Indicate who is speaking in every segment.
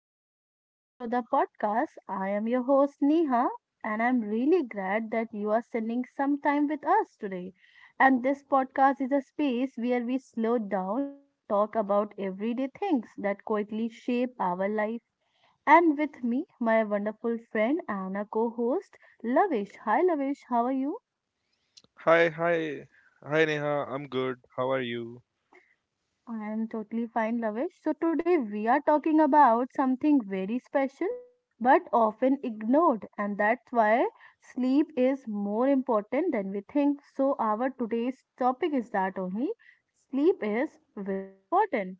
Speaker 1: everyone, welcome to the podcast. I am your host Neha and I'm really glad that you are spending some time with us today. And this podcast is a space where we slow down and talk about everyday things that quietly shape our life. And with me, my wonderful friend Anna co-host Lavish. Hi Lavish, how are you?
Speaker 2: Hi, hi, hi Neha, I'm good. How are you?
Speaker 1: I am totally fine, Lavish. So, today we are talking about something very special but often ignored, and that's why sleep is more important than we think. So, our today's topic is that only sleep is very important.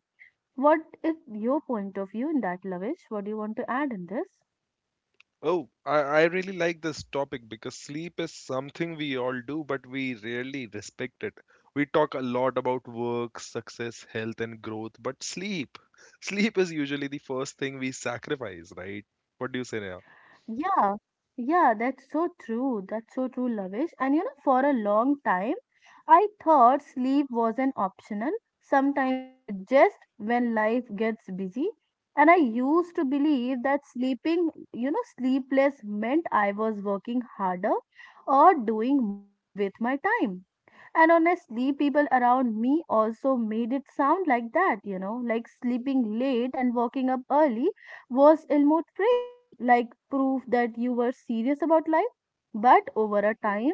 Speaker 1: What is your point of view in that, Lavish? What do you want to add in this?
Speaker 2: Oh, I really like this topic because sleep is something we all do, but we rarely respect it. We talk a lot about work, success, health, and growth, but sleep is usually the first thing we sacrifice, right? What do you say, Neha?
Speaker 1: Yeah, yeah, that's so true. That's so true, Lavish. And for a long time, I thought sleep wasn't optional. Sometimes you adjust when life gets busy. And I used to believe that sleeping, sleepless meant I was working harder or doing more with my time. And honestly, people around me also made it sound like that, like sleeping late and waking up early was ill-mood praised, like proof that you were serious about life. But over a time,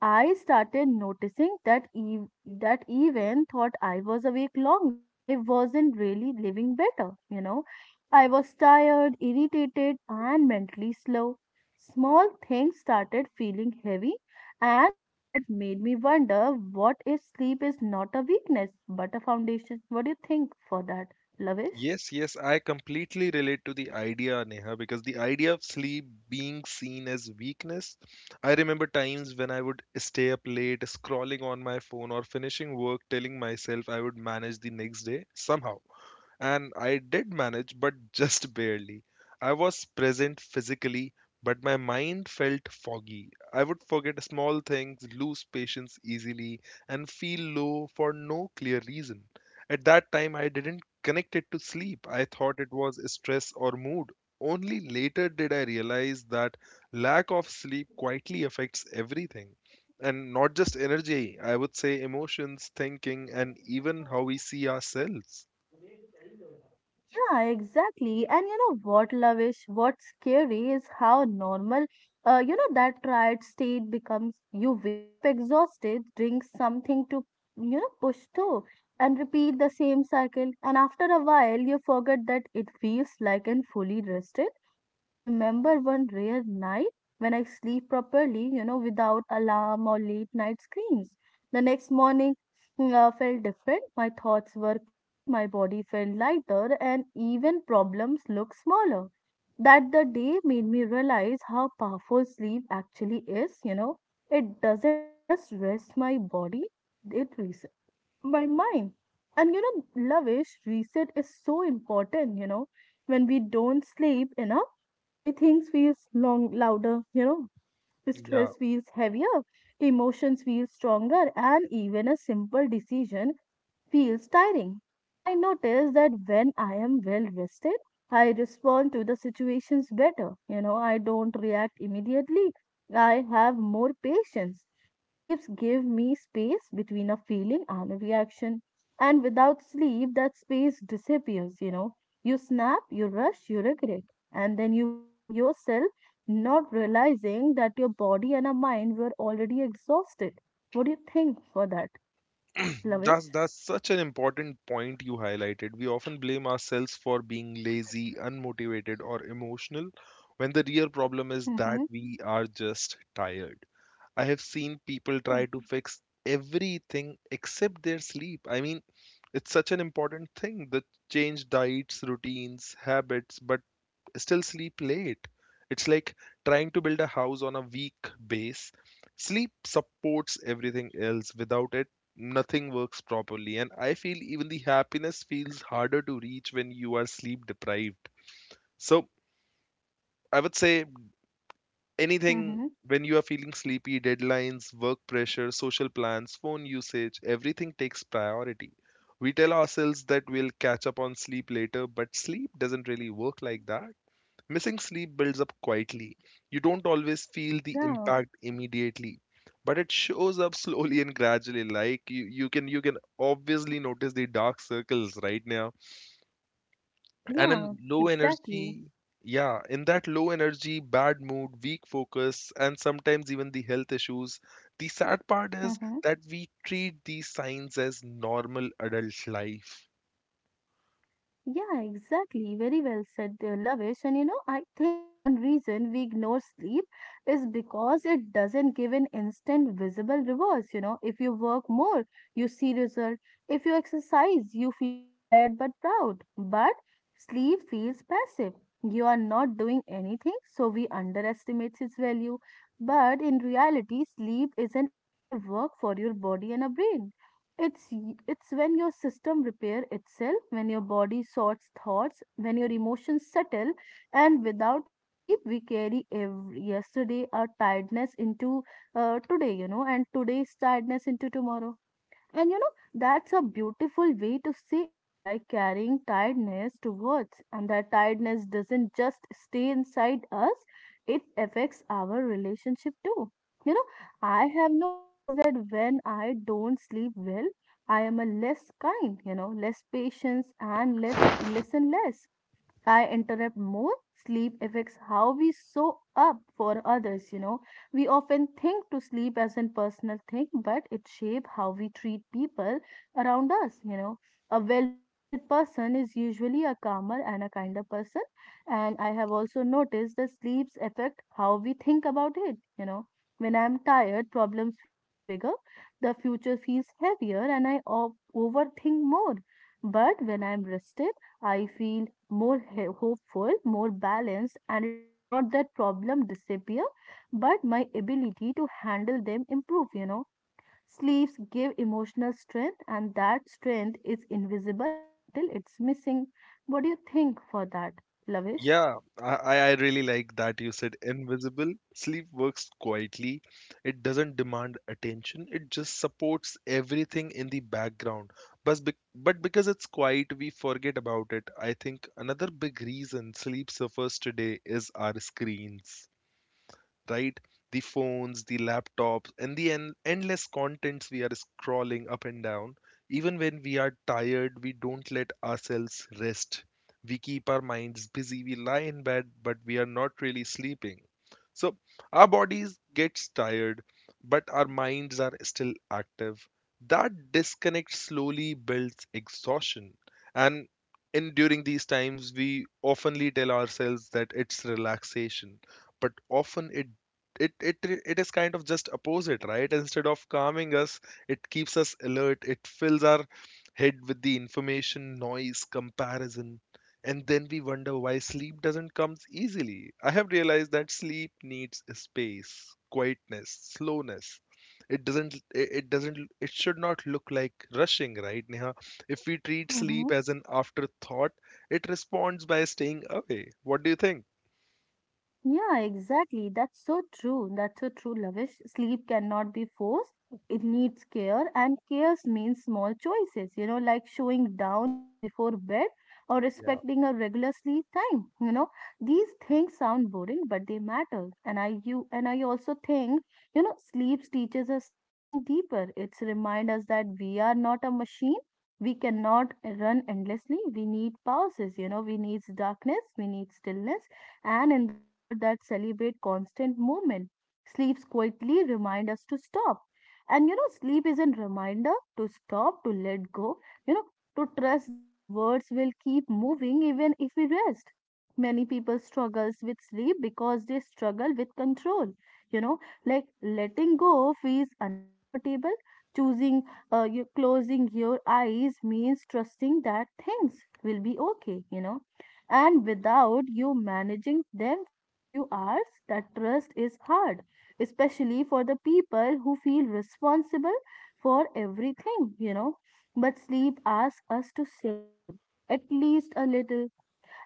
Speaker 1: I started noticing that even thought I was awake longer, I wasn't really living better. I was tired, irritated, and mentally slow. Small things started feeling heavy and that made me wonder what if sleep is not a weakness but a foundation? What do you think for that, Lavish?
Speaker 2: Yes, I completely relate to the idea, Neha, because the idea of sleep being seen as weakness. I remember times when I would stay up late, scrolling on my phone, or finishing work, telling myself I would manage the next day somehow and I did manage, but just barely. I was present physically, but my mind felt foggy. I would forget small things, lose patience easily, and feel low for no clear reason. At that time, I didn't connect it to sleep. I thought it was stress or mood. Only later did I realize that lack of sleep quietly affects everything. And not just energy, I would say emotions, thinking, and even how we see ourselves.
Speaker 1: Yeah, exactly. And you know what, Lavish, what's scary is how normal that tired state becomes. You wake up exhausted, drink something to push through, and repeat the same cycle. And after a while, you forget that it feels like and fully rested. I remember one rare night when I sleep properly, without alarm or late night screams. The next morning, felt different. My thoughts were clearer, my body felt lighter, and even problems looked smaller. That the day made me realize how powerful sleep actually is. It doesn't just rest my body, it resets my mind. And, Lavish, reset is so important. When we don't sleep enough, everything feels long, louder,
Speaker 2: Yeah.
Speaker 1: stress feels heavier, emotions feel stronger, and even a simple decision feels tiring. I notice that when I am well rested, I respond to the situations better. I don't react immediately. I have more patience. Sleeps give me space between a feeling and a reaction. And without sleep, that space disappears, you know. You snap, you rush, you regret. And then you blame yourself, not realizing that your body and a mind were already exhausted. What do you think for that, Lavish?
Speaker 2: That's such an important point you highlighted. We often blame ourselves for being lazy, unmotivated, or emotional when the real problem is that
Speaker 1: Mm-hmm.
Speaker 2: we are just tired. I have seen people
Speaker 1: Yeah.
Speaker 2: try to fix everything except their sleep. I mean, it's such an important thing that change diets, routines, habits, but still sleep late. It's like trying to build a house on a weak base. Sleep supports everything else. Without it, nothing works properly. And I feel even the happiness feels harder to reach when you are sleep deprived. So I would say anything
Speaker 1: Mm-hmm.
Speaker 2: when you are feeling sleepy, deadlines, work pressure, social plans, phone usage, everything takes priority. We tell ourselves that we'll catch up on sleep later, but sleep doesn't really work like that. Missing sleep builds up quietly. You don't always feel the
Speaker 1: Yeah.
Speaker 2: impact immediately, but it shows up slowly and gradually. Like you can obviously notice the dark circles right now. And
Speaker 1: Yeah.
Speaker 2: in low
Speaker 1: Exactly.
Speaker 2: energy, yeah, in that low energy, bad mood, weak focus, and sometimes even the health issues. The sad part is
Speaker 1: Mm-hmm.
Speaker 2: that we treat these signs as normal adult life.
Speaker 1: Yeah. Exactly. Very well said, Lavish. And I think one reason we ignore sleep is because it doesn't give an instant visible rewards. If you work more, you see result. If you exercise, you feel tired but proud. But sleep feels passive. You are not doing anything, so we underestimate its value. But in reality, sleep is an active work for your body and a brain. It's when your system repair itself, when your body sorts thoughts, when your emotions settle, and without a sleep, we carry every yesterday our tiredness into today, and today's tiredness into tomorrow. And that's a beautiful way to say it, like carrying tiredness towards. And that tiredness doesn't just stay inside us, it affects our relationship too. You know, I have noticed that when I don't sleep well, I am a less kind, less patience and less listen less. I interrupt more. Sleep affects how we show up for others. We often think to sleep as a personal thing, but it shapes how we treat people around us. A well rested person is usually a calmer and a kinder person. And I have also noticed that sleeps affect how we think about it. When I'm tired, problems feels bigger, the future feels heavier, and I overthink more. But when I'm rested, I feel more hopeful, more balanced, and it is not that problem disappear, but my ability to handle them improve. Sleeves give emotional strength, and that strength is invisible until it's missing. What do you think for that, Lavish?
Speaker 2: Yeah, I really like that you said invisible. Sleep works quietly. It doesn't demand attention. It just supports everything in the background. But because it's quiet, we forget about it. I think another big reason sleep suffers today is our screens, right? The phones, the laptops, and the endless contents we are scrolling up and down. Even when we are tired, we don't let ourselves rest. We keep our minds busy, we lie in bed, but we are not really sleeping. So our bodies gets tired, but our minds are still active. That disconnect slowly builds exhaustion. And in during these times, we oftenly tell ourselves that it's relaxation, but often it is kind of just opposite, right? Instead of calming us, it keeps us alert. It fills our head with the information, noise, comparison, and then we wonder why sleep doesn't come easily. I have realized that sleep needs space, quietness, slowness. It should not look like rushing, right Neha? If we treat sleep
Speaker 1: Mm-hmm.
Speaker 2: as an afterthought, it responds by staying away. What do you think?
Speaker 1: Yeah, exactly. That's so true. That's so true, Lavish. Sleep cannot be forced. It needs care, and care means small choices, like showing down before bed or
Speaker 2: Yeah.
Speaker 1: respecting a regular sleep time. These things sound boring, but they matter. And I you and I also think, sleep teaches us something deeper. It's remind us that we are not a machine. We cannot run endlessly. We need pauses, we need darkness, we need stillness and in the world that celebrate constant movement. Sleeps quietly remind us to stop. And sleep is a reminder to stop, to let go, you know, to trust that words will keep moving even if we rest. Many people struggles with sleep because they struggle with control. You know, like letting go feels uncomfortable. Choosing, you closing your eyes means trusting that things will be okay. And without you managing them for a few hours, that trust is hard, especially for the people who feel responsible for everything. But sleep asks us to surrender at least a little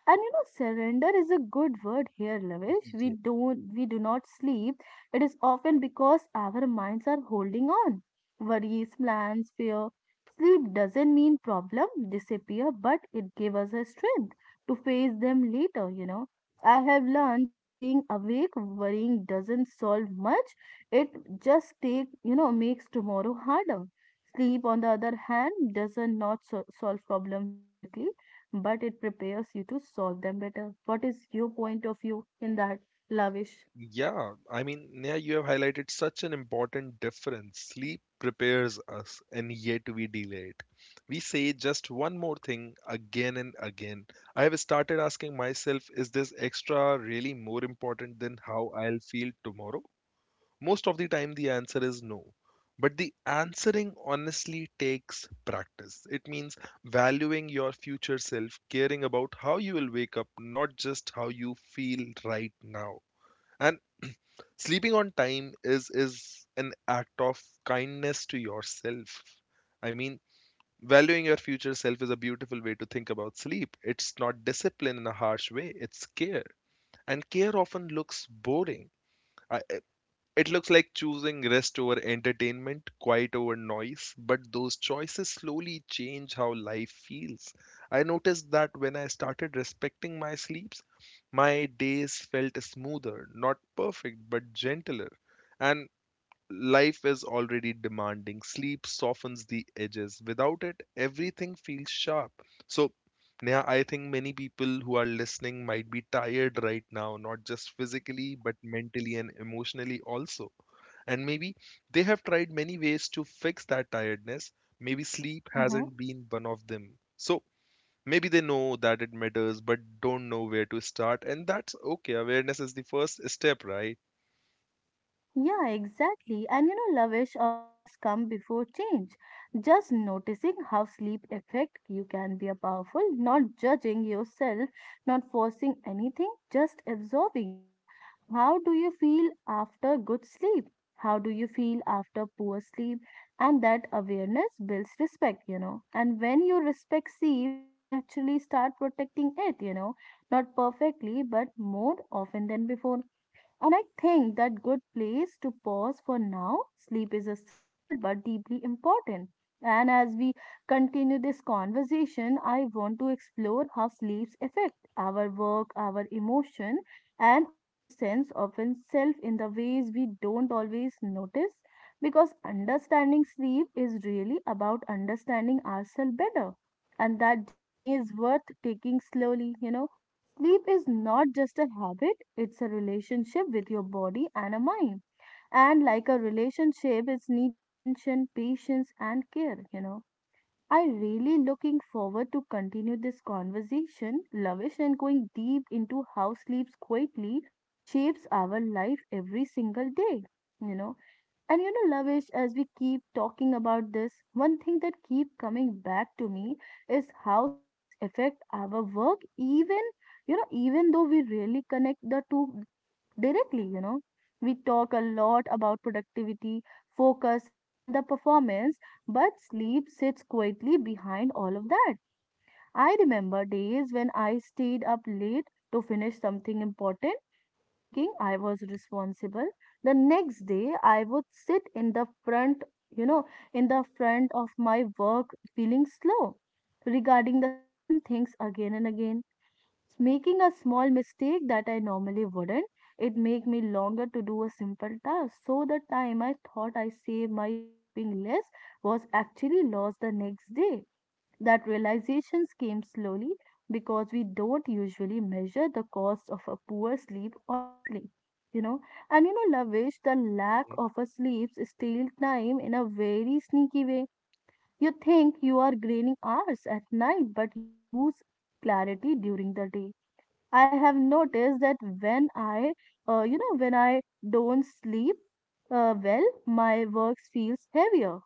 Speaker 1: and you know, surrender is a good word here, Lavish. We do not sleep. It is often because our minds are holding on. Worries, plans, fear. Sleep doesn't mean problem disappear, but it gives us a strength to face them later. I have learned that staying awake worrying doesn't solve much. It just take makes tomorrow harder. Sleep, on the other hand, doesn't not so- solve problems directly but it prepares you to solve them better. What is your point of view in that, Lavish?
Speaker 2: Yeah, you have highlighted such an important difference. Sleep prepares us, and yet we delay it. We say just one more thing again and again. I have started asking myself, is this extra really more important than how I'll feel tomorrow? Most of the time, the answer is no. But the answering honestly takes practice. It means valuing your future self, caring about how you will wake up, not just how you feel right now. And sleeping on time is an act of kindness to yourself. I mean, valuing your future self is a beautiful way to think about sleep. It's not discipline in a harsh way, it's care. And care often looks boring. I- It looks like choosing rest over entertainment, quiet over noise, but those choices slowly change how life feels. I noticed that when I started respecting my sleeps, my days felt smoother, not perfect, but gentler. And life is already demanding. Sleep softens the edges. Without it, everything feels sharp. So, Neha, I think many people who are listening might be tired right now, not just physically, but mentally and emotionally also. And maybe they have tried many ways to fix that tiredness. Maybe sleep
Speaker 1: Mm-hmm.
Speaker 2: hasn't been one of them. So, maybe they know that it matters, but don't know where to start. And that's okay. Awareness is the first step, right?
Speaker 1: Yeah, exactly. And, Lavish, awareness come before change. Just noticing how sleep affect you can be a powerful, not judging yourself, not forcing anything, just absorbing. How do you feel after good sleep? How do you feel after poor sleep? And that awareness builds respect. And when you respect sleeps, you naturally start protecting it. Not perfectly, but more often than before and I think that good place to pause for now. Sleep is a simple but deeply important. And as we continue this conversation, I want to explore how sleeps affect our work, our emotion, and our sense of self in the ways we don't always notice. Because understanding sleep is really about understanding ourselves better. And that journey is worth taking slowly. Sleep is not just a habit, it's a relationship with your body and a mind. And like a relationship, it's need attention, patience, and care. I really looking forward to continue this conversation, Lavish, and going deep into how sleeps quietly shapes our life every single day, you know. And, Lavish, as we keep talking about this, one thing that keep coming back to me is how sleeps affect our work, even though we really connect the two directly. We talk a lot about productivity, focus, and the performance, but sleep sits quietly behind all of that. I remember days when I stayed up late to finish something important, thinking I was responsible. The next day, I would sit you know, in the front of my work feeling slow regarding the same things again and again. Making a small mistake that I normally wouldn't, it make me longer to do a simple task. So the time I thought I saved my sleeping less was actually lost the next day that realizations came slowly because we don't usually measure the cost of a poor sleep honestly. You know, and, Lavish, the lack
Speaker 2: Mhm.
Speaker 1: of a sleep steals time in a very sneaky way. You think you are gaining hours at night, but you lose clarity during the day. I have noticed that when I don't sleep well, my work feels heavier.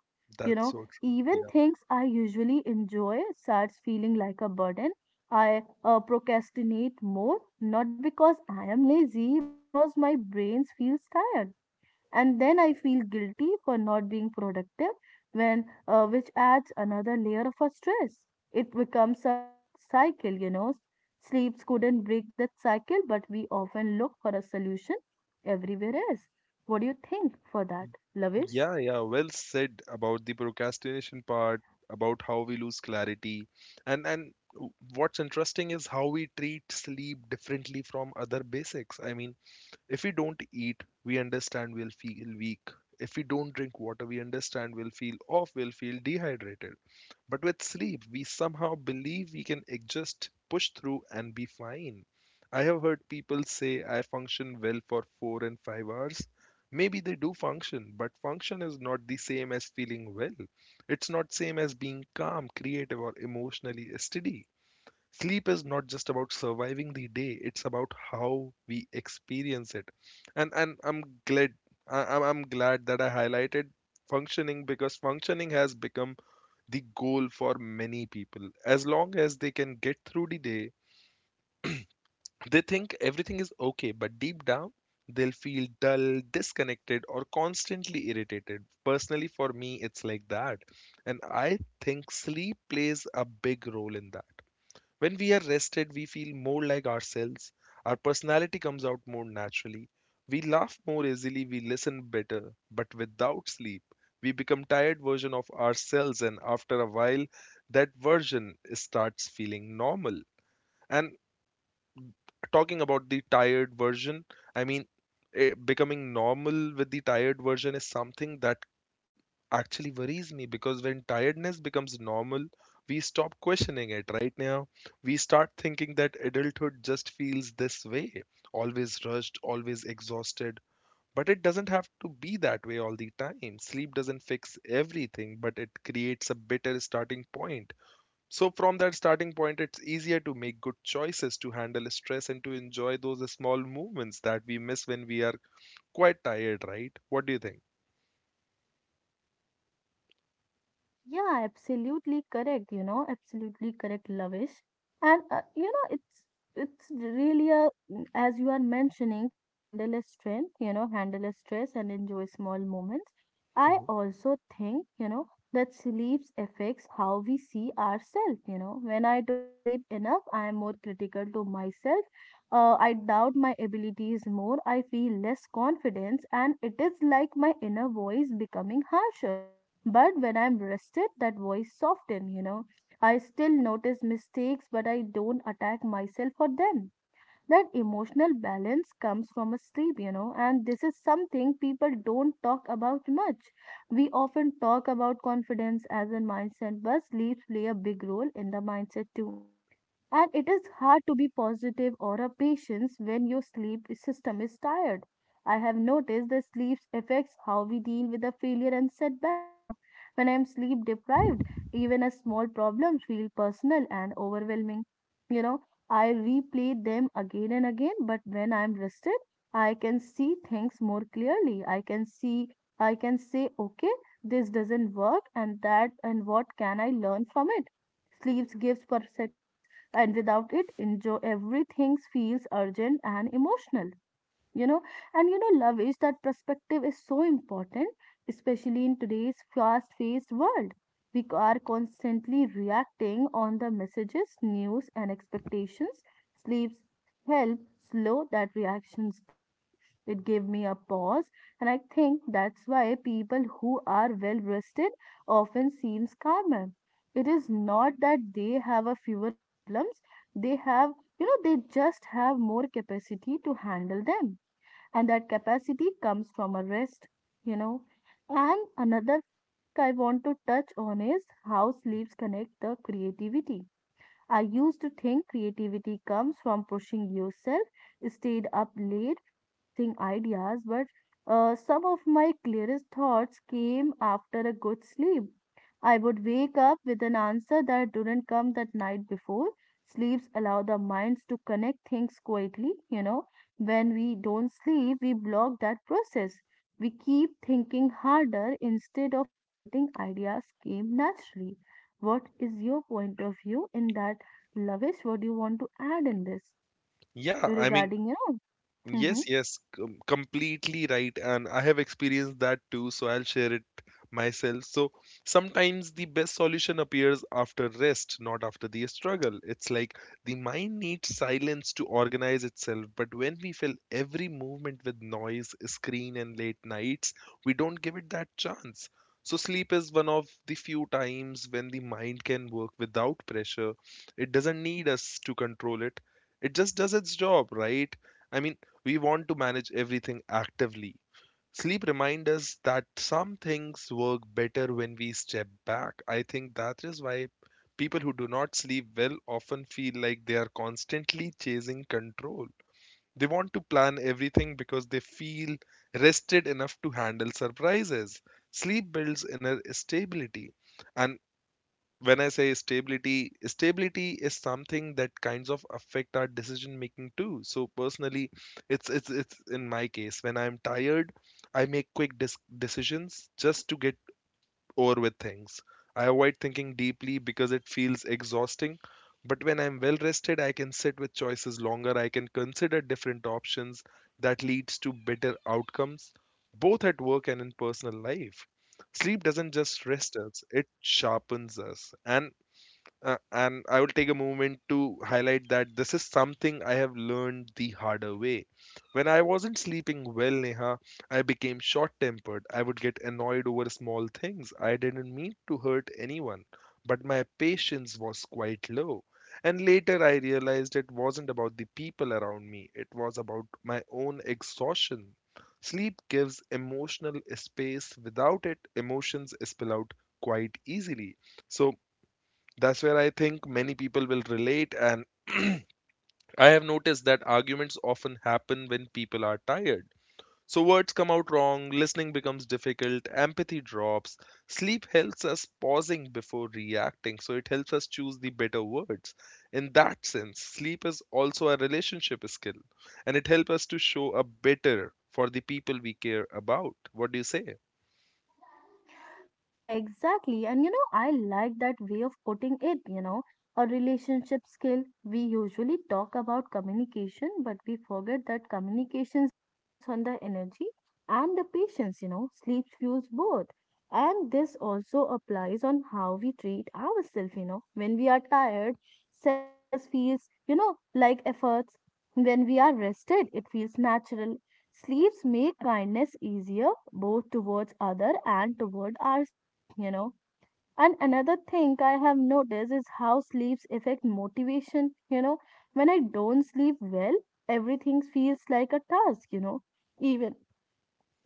Speaker 1: You
Speaker 2: That's
Speaker 1: know,
Speaker 2: so true.
Speaker 1: even
Speaker 2: Yeah.
Speaker 1: things I usually enjoy starts feeling like a burden. I procrastinate more, not because I am lazy, but because my brain feels tired and then I feel guilty for not being productive when which adds another layer of a stress it becomes a cycle. Sleeps couldn't break that cycle but we often look for a solution everywhere else. What do you think for that, Lavish?
Speaker 2: Yeah, well said about the procrastination part, about how we lose clarity. And what's interesting is how we treat sleep differently from other basics. I mean, if we don't eat, we understand we'll feel weak. If we don't drink water, we understand we'll feel off, we'll feel dehydrated. But with sleep, we somehow believe we can just push through, and be fine. I have heard people say I function well for 4 and 5 hours. Maybe they do function, but function is not the same as feeling well. It's not same as being calm, creative, or emotionally steady. Sleep is not just about surviving the day; it's about how we experience it. And I'm glad that I highlighted functioning because functioning has become the goal for many people. As long as they can get through the day, they think everything is okay, but deep down, they'll feel dull, disconnected, or constantly irritated. Personally, for me, it's like that. And I think sleep plays a big role in that. When we are rested, we feel more like ourselves. Our personality comes out more naturally. We laugh more easily, we listen better. But without sleep, we become tired version of ourselves and after a while that version starts feeling normal. And talking about the tired version, I mean becoming normal with the tired version is something that actually worries me because when tiredness becomes normal, we stop questioning it right now. We start thinking that adulthood just feels this way, always rushed, always exhausted. But it doesn't have to be that way all the time. Sleep doesn't fix everything, but it creates a better starting point. So, from that starting point, it's easier to make good choices, to handle stress, and to enjoy those small movements that we miss when we are quite tired, right? What do you think?
Speaker 1: Yeah, absolutely correct. Absolutely correct, Lavish. And you know, it's really a as you are mentioning to handle a strength, you know, handle a stress and enjoy small moments. I
Speaker 2: Mhm.
Speaker 1: also think, you know, that sleep affects how we see ourselves. You know, when I don't sleep enough, I am more critical to myself. I doubt my abilities more. I feel less confidence, and it is like my inner voice becoming harsher, but when I'm rested, that voice softens, you know. I still notice mistakes, but I don't attack myself for them. That emotional balance comes from a sleep, you know, and this is something people don't talk about much. We often talk about confidence as a mindset, but sleeps play a big role in the mindset too. And it is hard to be positive or a patient when your sleep system is tired. I have noticed that sleep affects how we deal with the failure and setback, you know. When I am sleep deprived, even a small problems feel personal and overwhelming. You know, I replay them again and again, but when I am rested, I can see things more clearly. I can see, I can say, okay, this doesn't work and that, and what can I learn from it? Sleep gives perspectives, and without it enjoy everything feels urgent and emotional, you know. And you know, love is that perspective is so important, especially in today's fast paced world. We are constantly reacting on the messages, news, and expectations. Sleeps help slow that reactions down. It gave me a pause, and I think that's why people who are well rested often seems calmer. It is not that they have a fewer problems, they have, you know, they just have more capacity to handle them, and that capacity comes from a rest, you know. And another thing I want to touch on is how sleeps connect the creativity. I used to think creativity comes from pushing yourself, stayed up late, forcing ideas, but some of my clearest thoughts came after a good sleep. I would wake up with an answer that didn't come that night before. Sleeps allow the minds to connect things quietly, you know. When we don't sleep, we block that process. We keep thinking harder instead of letting ideas come naturally. What is your point of view in that, Lavish? What do you want to add in this
Speaker 2: Yeah, I mean,
Speaker 1: regarding, you know? Hmm.
Speaker 2: yes, completely right. And I have experienced that too, so I'll share it myself. So sometimes the best solution appears after rest, not after the struggle. It's like the mind needs silence to organize itself, but when we fill every movement with noise, screen, and late nights, we don't give it that chance. So sleep is one of the few times when the mind can work without pressure. It doesn't need us to control it. It just does its job, right? I mean, we want to manage everything actively. Sleep reminds us that some things work better when we step back. I think that is why people who do not sleep well often feel like they are constantly chasing control. They want to plan everything because they feel rested enough to handle surprises. Sleep builds inner stability, and when I say stability, stability is something that kinds of affect our decision making too. So personally, it's in my case, when I'm tired, I make quick decisions just to get over with things. I avoid thinking deeply because it feels exhausting, but when I'm well rested, I can sit with choices longer, I can consider different options. That leads to better outcomes, both at work and in personal life. Sleep doesn't just rest us, it sharpens us. And I will take a moment to highlight that this is something I have learned the harder way. When I wasn't sleeping well, Neha, I became short tempered. I would get annoyed over small things. I didn't mean to hurt anyone, but my patience was quite low. And later I realized it wasn't about the people around me, it was about my own exhaustion. Sleep gives emotional space. Without it, emotions spill out quite easily. So that's where I think many people will relate, and I have noticed that arguments often happen when people are tired. So words come out wrong, listening becomes difficult, empathy drops. Sleep helps us pausing before reacting, so it helps us choose the better words. In that sense, sleep is also a relationship skill, and it helps us to show up better for the people we care about. What do you say?
Speaker 1: Yeah, exactly. And you know, I like that way of putting it, you know, a relationship skill. We usually talk about communication, but we forget that communications depends on the energy and the patience, you know, sleep fuels both. And this also applies on how we treat ourselves, you know. When we are tired, self-care feels, you know, like efforts. When we are rested, it feels natural. Sleeps make kindness easier both towards other and toward ourselves, you know. And another thing I have noticed is how sleeps affect motivation, you know. When I don't sleep well, everything feels like a task, you know. Even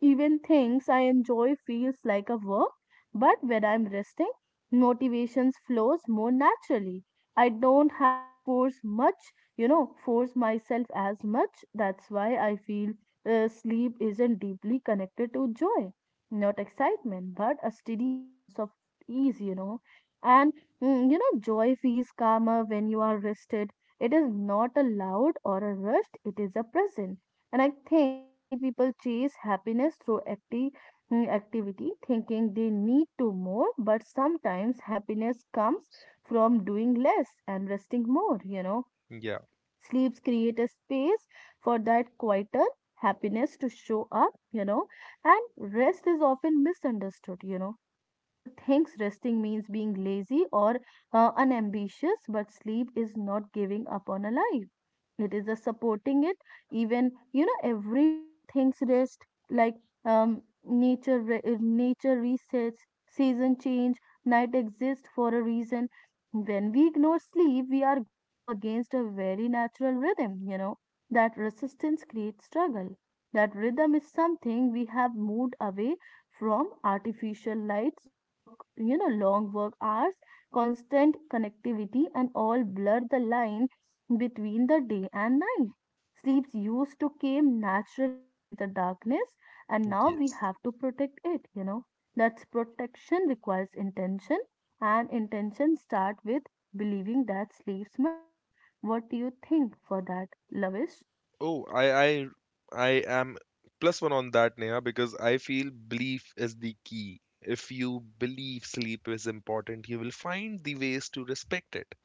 Speaker 1: even things I enjoy feels like a work, but when I'm resting, motivations flows more naturally. I don't have to force much, you know, force myself as much. That's why I feel sleep isn't deeply connected to joy, not excitement, but a steady sense of ease, you know. And you know, joy feels calmer when you are rested. It is not a loud or a rushed, it is a present. And I think many people chase happiness through activity, thinking they need to more, but sometimes happiness comes from doing less and resting more, you know.
Speaker 2: Yeah.
Speaker 1: Sleeps create a space for that quieter happiness to show up, you know, and rest is often misunderstood, you know. People thinks resting means being lazy or unambitious, but sleep is not giving up on a life. It is a supporting it. Even you know, every living things rest like nature. Nature resets, season change, night exists for a reason. When we ignore sleep, we are go to against a very natural rhythm, you know. That resistance creates struggle. That rhythm is something we have moved away from. Artificial lights, work, you know, long work hours, constant connectivity, and all blur the line between the day and night. Sleeps used to came naturally with the darkness, and now we
Speaker 2: Yes.
Speaker 1: have to protect it, you know. That protection requires intention, and intentions start with believing that sleeps matter. What do you think for that, Lavish?
Speaker 2: Oh, I am plus one on that, Neha, because I feel belief is the key. If you believe sleep is important, you will find the ways to respect it.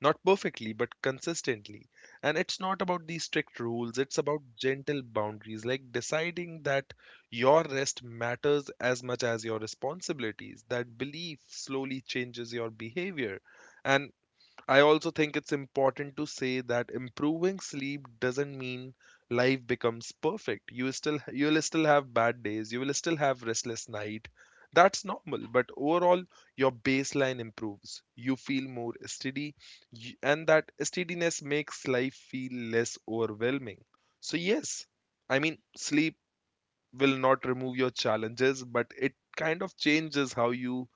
Speaker 2: Not perfectly, but consistently. And it's not about the strict rules, it's about gentle boundaries, like deciding that your rest matters as much as your responsibilities. That belief slowly changes your behavior. And I also think it's important to say that improving sleep doesn't mean life becomes perfect. You will still have bad days, you will still have restless night. That's normal, but overall your baseline improves. You feel more steady and that steadiness makes life feel less overwhelming. So yes, I mean sleep will not remove your challenges, but it kind of changes how you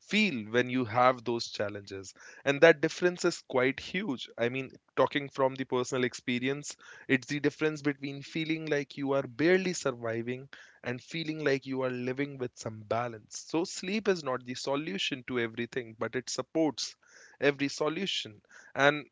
Speaker 2: feel when you have those challenges, and that difference is quite huge. I mean, talking from the personal experience, it's the difference between feeling like you are barely surviving and feeling like you are living with some balance. So sleep is not the solution to everything, but it supports every solution. And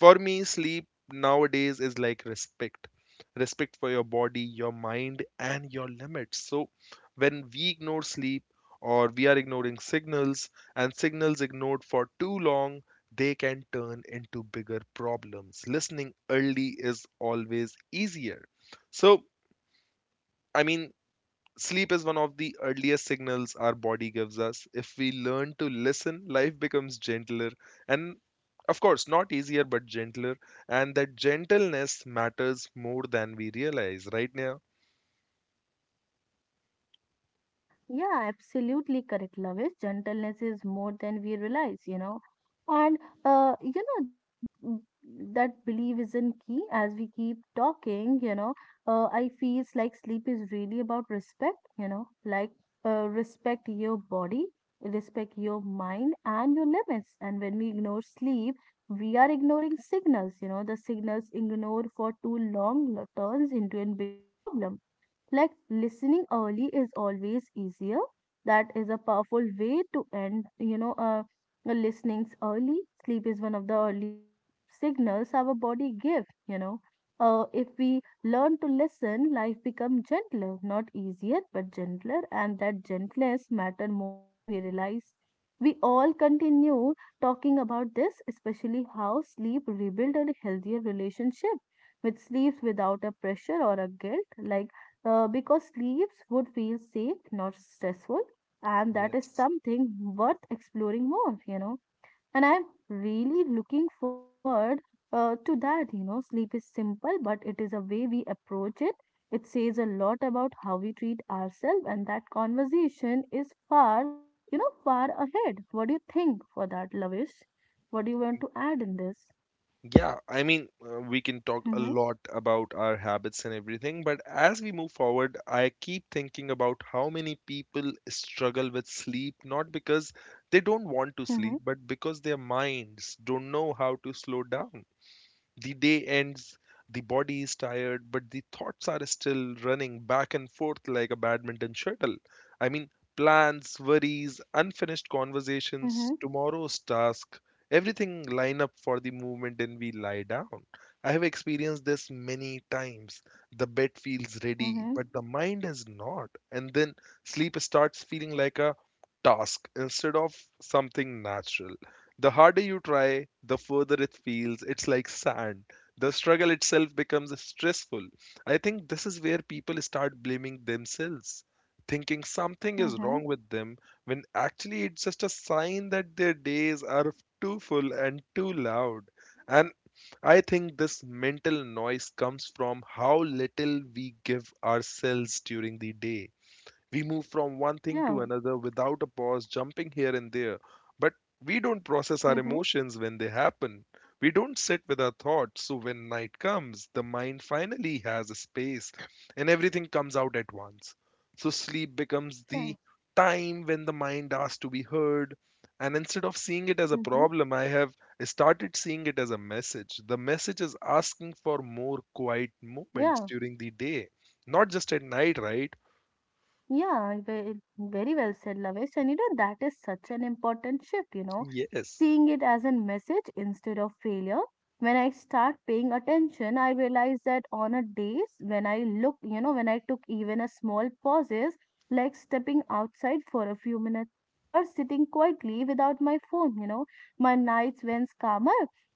Speaker 2: for me, sleep nowadays is like respect, respect for your body, your mind and your limits. So when we ignore sleep, or we are ignoring signals, and signals ignored for too long, they can turn into bigger problems. Listening early is always easier. So i mean sleep is one of the earliest signals our body gives us. If we learn to listen, life becomes gentler and, of course, not easier but gentler. And that gentleness matters more than we realize, right now.
Speaker 1: Yeah, absolutely correct, Lavish. Gentleness is more than we realize, you know. And you know that mm, that belief isn't key as we keep talking, you know. I feels like sleep is really about respect, you know, like respect your body, respect your mind and your limits. And when we ignore sleep, we are ignoring signals, you know, the signals ignored for too long turns into a bigger problem, like listening early is always easier. That is a powerful way to end, you know, the listenings early. Sleep is one of the earliest signals our body give, you know. If we learn to listen, life becomes gentler, not easier, but gentler, and that gentleness matter more than we realize. We all continue talking about this, especially how sleep rebuild a healthier relationship with sleeps without a pressure or a guilt. Like because sleeps would feel safe, not stressful, and that is
Speaker 2: Yes.
Speaker 1: something worth exploring more, you know. And I'm really looking forward to that, you know. Sleep is simple, but it is a way we approach it. It says a lot about how we treat ourselves, and that conversation is far, you know, far ahead. What do you think for that, Lavish? What do you want to add in this?
Speaker 2: Yeah, we can talk a
Speaker 1: Mm-hmm,
Speaker 2: lot about our habits and everything, but as we move forward, I keep thinking about how many people struggle with sleep, not because they don't want to
Speaker 1: mm-hmm,
Speaker 2: sleep, but because their minds don't know how to slow down. The day ends, the body is tired, but the thoughts are still running back and forth like a badminton shuttle. I mean, plans, worries, unfinished
Speaker 1: mm-hmm,
Speaker 2: conversations, tomorrow's task, everything line up for the movement and we lie down. I have experienced this many times. The bed feels ready,
Speaker 1: mm-hmm,
Speaker 2: but the mind is not. And then sleep starts feeling like a task instead of something natural. The harder you try, the further it feels. It's like sand. The struggle itself becomes stressful. I think this is where people start blaming themselves, thinking something is
Speaker 1: mm-hmm.
Speaker 2: wrong with them, when actually it's just a sign that their days are too full and too loud. And I think this mental noise comes from how little we give ourselves during the day. We move from one thing to
Speaker 1: Yeah,
Speaker 2: another without a pause, jumping here and there. But we don't process our
Speaker 1: mm-hmm,
Speaker 2: emotions when they happen. We don't sit with our thoughts. So when night comes, the mind finally has a space and everything comes out at once. So sleep becomes
Speaker 1: yeah.
Speaker 2: the time when the mind asks to be heard. And instead of seeing it as a
Speaker 1: Mm-hmm.
Speaker 2: problem, I have started seeing it as a message. The message is asking for more quiet moments
Speaker 1: Yeah,
Speaker 2: during the day, not just at night, right?
Speaker 1: yeah, very well said, Lavesh. And you know, that is such an important shift, you know,
Speaker 2: Yes.
Speaker 1: seeing it as a message instead of failure. When I start paying attention, I realize that on a days when I look, you know, when I took even a small pauses, like stepping outside for a few minutes or sitting quietly without my phone, you know, my nights went calmer.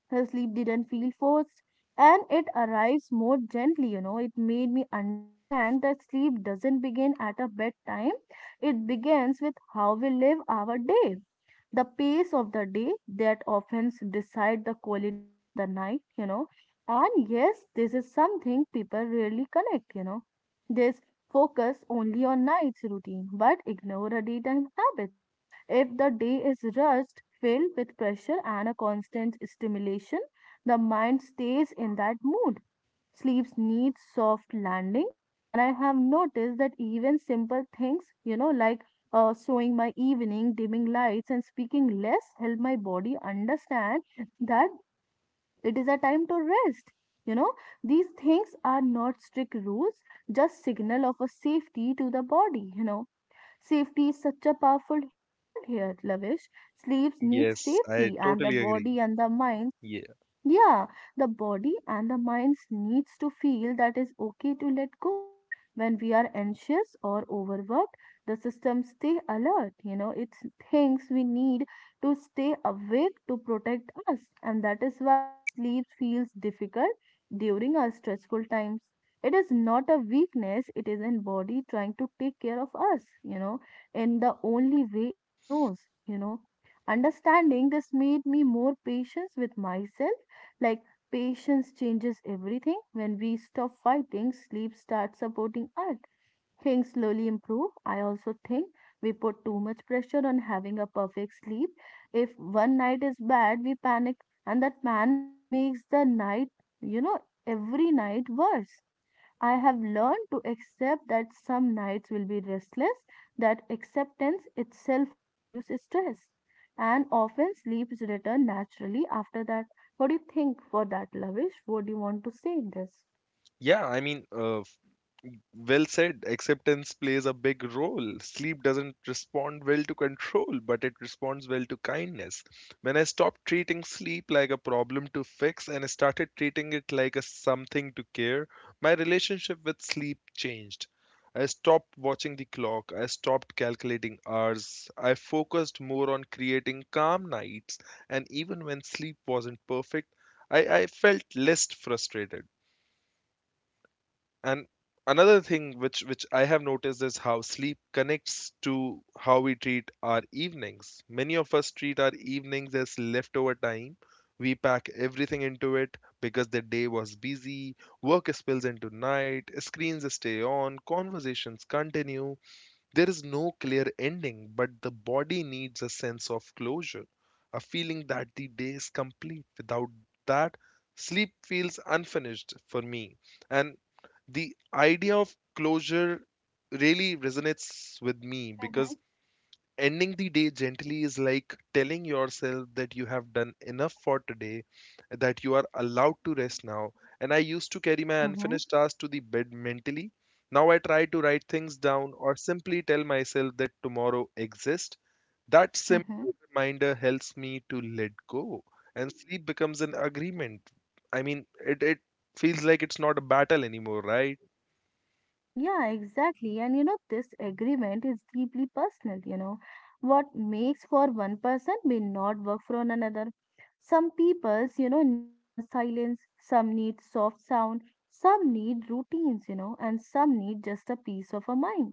Speaker 1: The sleep didn't feel forced, and it arrives more gently, you know. It made me understand that sleep doesn't begin at a bedtime, it begins with how we live our day. The pace of the day, that often decide the quality of the night, you know. And yes, this is something people really connect, you know. This focus only on night's routine but ignore the daytime habits. If the day is rushed, filled with pressure and a constant stimulation, the mind stays in that mood. Sleeps needs soft landing, and I have noticed that even simple things, you know, like sewing my evening, dimming lights, and speaking less help my body understand that it is a time to rest. You know, these things are not strict rules, just signal of a safety to the body. You know, safety is such a powerful word here, Lavish. Sleeps need
Speaker 2: Yes, I
Speaker 1: safety, and the
Speaker 2: totally agree.
Speaker 1: body and the mind,
Speaker 2: Yeah,
Speaker 1: yeah, the body and the minds needs to feel that is okay to let go. When we are anxious or overworked, the system stay alert. You know, it thinks we need to stay awake to protect us, and that is why sleep feels difficult during our stressful times. It is not a weakness, it is in body trying to take care of us, you know, in the only way it knows, you know. Understanding this made me more patient with myself, like patience changes everything. When we stop fighting, sleep starts supporting us. Things slowly improve. I also think we put too much pressure on having a perfect sleep. If one night is bad, we panic, and that panic makes the night, you know, every night worse. I have learned to accept that some nights will be restless, that acceptance itself reduces stress, and often sleeps return naturally after that. What do you think for that, Lavish? What do you want to say in this?
Speaker 2: yeah. Well said. Acceptance plays a big role. Sleep doesn't respond well to control, but it responds well to kindness. When I stopped treating sleep like a problem to fix and started treating it like a something to care, my relationship with sleep changed. I stopped watching the clock. I stopped calculating hours. I focused more on creating calm nights. And even when sleep wasn't perfect, I felt less frustrated. And another thing which I have noticed is how sleep connects to how we treat our evenings. Many of us treat our evenings as leftover time. We pack everything into it because the day was busy, work spills into night, screens stay on, conversations continue. There is no clear ending, but the body needs a sense of closure, a feeling that the day is complete. Without that, sleep feels unfinished for me, and the idea of closure really resonates with me because
Speaker 1: Mm-hmm,
Speaker 2: ending the day gently is like telling yourself that you have done enough for today, that you are allowed to rest now. And I used to carry my
Speaker 1: mm-hmm,
Speaker 2: unfinished tasks to the bed mentally. Now I try to write things down or simply tell myself that tomorrow exists. That
Speaker 1: mm-hmm.
Speaker 2: simple reminder helps me to let go, and sleep becomes an agreement. I mean, it feels like it's not a battle anymore, right?
Speaker 1: Yeah, exactly. And you know, this agreement is deeply personal, you know. What makes for one person may not work for another. Some peoples, you know, need a silence, some need soft sound, some need routines, you know, and some need just a peace of a mind.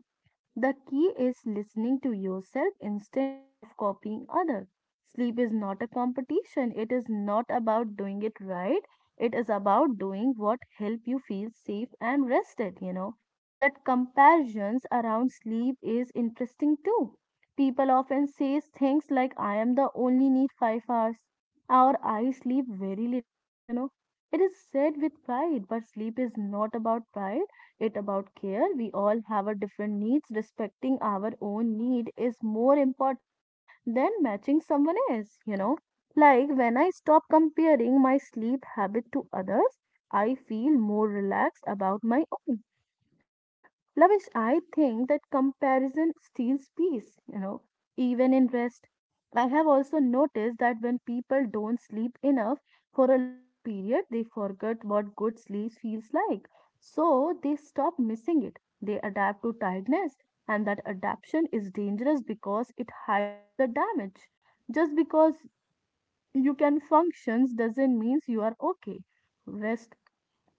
Speaker 1: The key is listening to yourself instead of copying others. Sleep is not a competition. It is not about doing it right. It is about doing what help you feel safe and rested, you know. That comparisons around sleep is interesting too. People often say things like, I am the only need 5 hours or I sleep very little, you know. It is said with pride, but sleep is not about pride, it about care. We all have a different needs. Respecting our own need is more important than matching someone else, you know. Like when I stop comparing my sleep habit to others, I feel more relaxed about my own, you know. Lavish, I think that comparison steals peace, you know, even in rest. I have also noticed that when people don't sleep enough for a long period, they forget what good sleep feels like, so they stop missing it. They adapt to tiredness, and that adaptation is dangerous because it hides the damage. Just because you can functions doesn't mean you are okay. Rest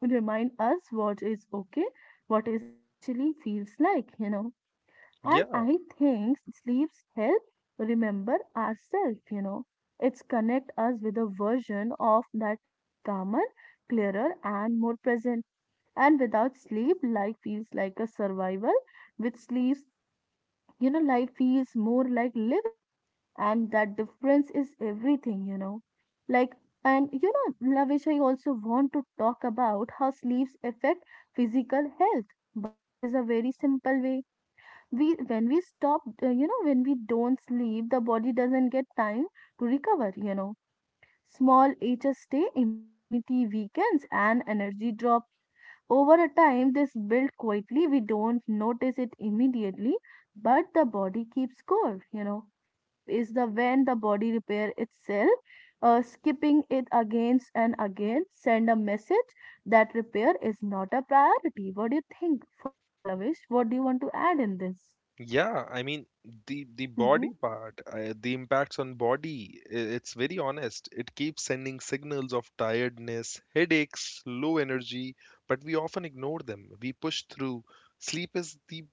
Speaker 1: remind us what is okay, what is actually feels like, you know. And
Speaker 2: Yeah,
Speaker 1: I think sleeps help remember ourselves, you know. It's connect us with a version of that is calmer, clearer, and more present. And without sleep, life feels like a survival. With sleep, you know, life feels more like living, and that difference is everything, you know. Like, and, you know, Lavish, I also want to talk about how sleeps affect physical health, but it is a very simple way. We when we stop when we don't sleep, the body doesn't get time to recover, you know. Small ages stay, immunity weakens, and energy drop. Over a time, this build quietly. We don't notice it immediately, but the body keeps score. You know, sleep is the when the body repair itself. Skipping it against and again send a message that repair is not a priority. What do you think for that, Lavish? What do you want to add in this?
Speaker 2: yeah. I mean, the
Speaker 1: Mm-hmm.
Speaker 2: body part, the impacts on body, it's very honest. It keeps sending signals of tiredness, headaches, low energy, but we often ignore them. We push through. Sleep is the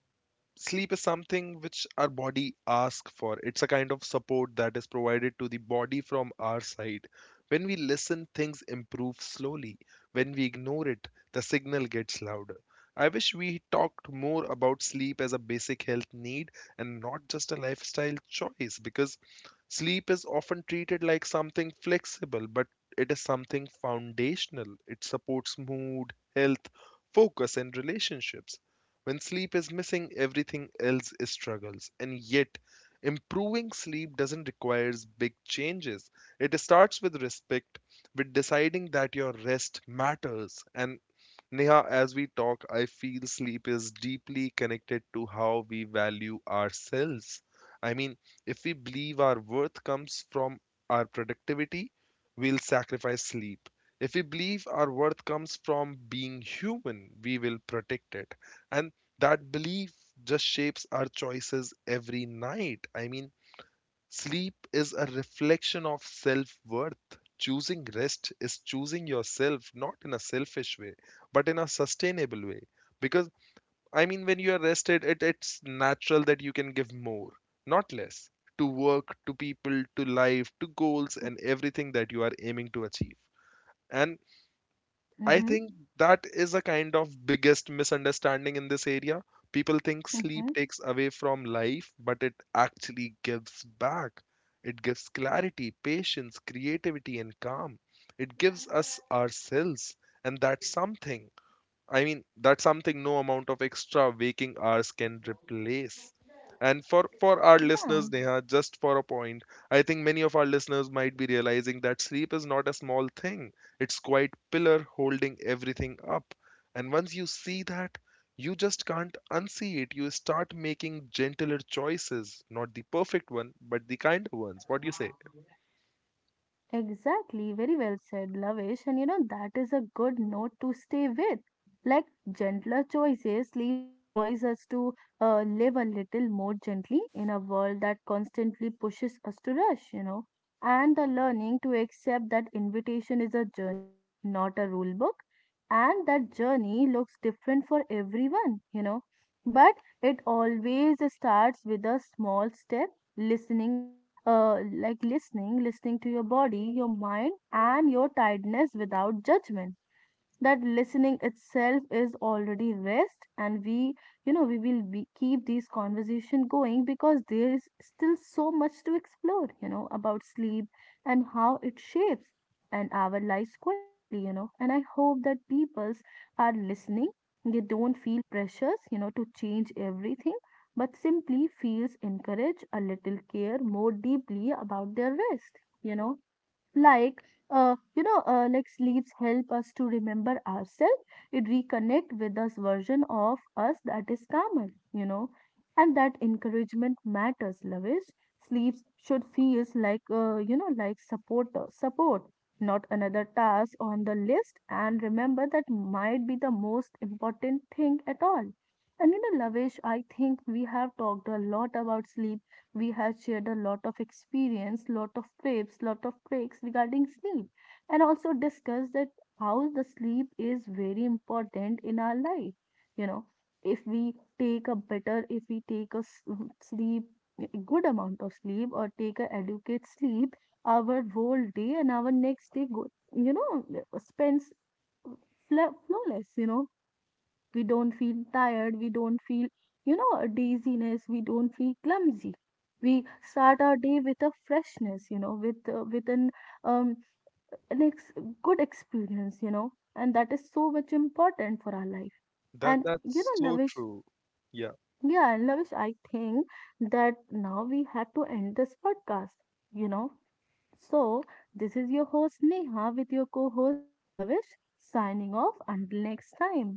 Speaker 2: Sleep is something which our body asks for. It's a kind of support that is provided to the body from our side. When we listen, things improve slowly. When we ignore it, the signal gets louder. I wish we talked more about sleep as a basic health need and not just a lifestyle choice, because sleep is often treated like something flexible, but it is something foundational. It supports mood, health, focus, and relationships. When sleep is missing, everything else struggles. And yet, improving sleep doesn't require big changes. It starts with respect, with deciding that your rest matters. And Neha, as we talk, I feel sleep is deeply connected to how we value ourselves. I mean, if we believe our worth comes from our productivity, we'll sacrifice sleep. If we believe our worth comes from being human, we will protect it. And that belief just shapes our choices every night. I mean, sleep is a reflection of self worth. Choosing rest is choosing yourself, not in a selfish way, but in a sustainable way. Because, I mean, when you are rested, it's natural that you can give more, not less, to work, to people, to life, to goals, and everything that you are aiming to achieve. And I
Speaker 1: Mm-hmm.
Speaker 2: think that is a kind of biggest misunderstanding in this area. People think
Speaker 1: Mm-hmm.
Speaker 2: sleep takes away from life, but it actually gives back. It gives clarity, patience, creativity, and calm. It gives us ourselves, and that's something. I mean, that's something no amount of extra waking hours can replace. And for our
Speaker 1: Yeah.
Speaker 2: listeners, Neha, just for a point, I think many of our listeners might be realizing that sleep is not a small thing. It's quite pillar holding everything up. And once you see that, you just can't unsee it. You start making gentler choices, not the perfect one, but the kinder ones. What do you say?
Speaker 1: Exactly, very well said, Lavesh. And you know, that is a good note to stay with. Like gentler choices, sleeps invites us to, live a little more gently in a world that constantly pushes us to rush, you know. And the learning to accept that invitation is a journey, not a rule book. And that journey looks different for everyone, you know. But it always starts with a small step, listening, like listening, listening to your body, your mind, and your tiredness without judgment. That listening itself is already rest, and we, you know, we will be, keep these conversation going, because there is still so much to explore, you know, about sleep and how it shapes and our lives quietly, you know. And I hope that peoples are listening, they don't feel pressures, you know, to change everything, but simply feels encouraged a little care more deeply about their rest, you know. like like sleeps help us to remember ourselves. It reconnect with us version of us that is calmer, you know. And that encouragement matters, Loveis. Sleeps should feels like, you know, like support, not another task on the list. And remember, that might be the most important thing at all. And you know, Lavish, I think we have talked a lot about sleep. We have shared a lot of experience, lot of tips, lot of tricks regarding sleep, and also discussed that how the sleep is very important in our life. You know, if we take a better, if we take a sleep, a good amount of sleep, or take a adequate sleep, our whole day and our next day go, you know, spends flawless. You know, we don't feel tired, we don't feel, you know, dizziness, we don't feel clumsy. We start our day with a freshness, you know, with an um, an ex- good experience, you know, and that is so much important for our life.
Speaker 2: That
Speaker 1: And you
Speaker 2: that's
Speaker 1: know,
Speaker 2: so
Speaker 1: Navish,
Speaker 2: true. Yeah.
Speaker 1: yeah, Navish, I think that now we have to end this podcast, you know. So this is your host Neha with your co-host Lavish, signing off until next time.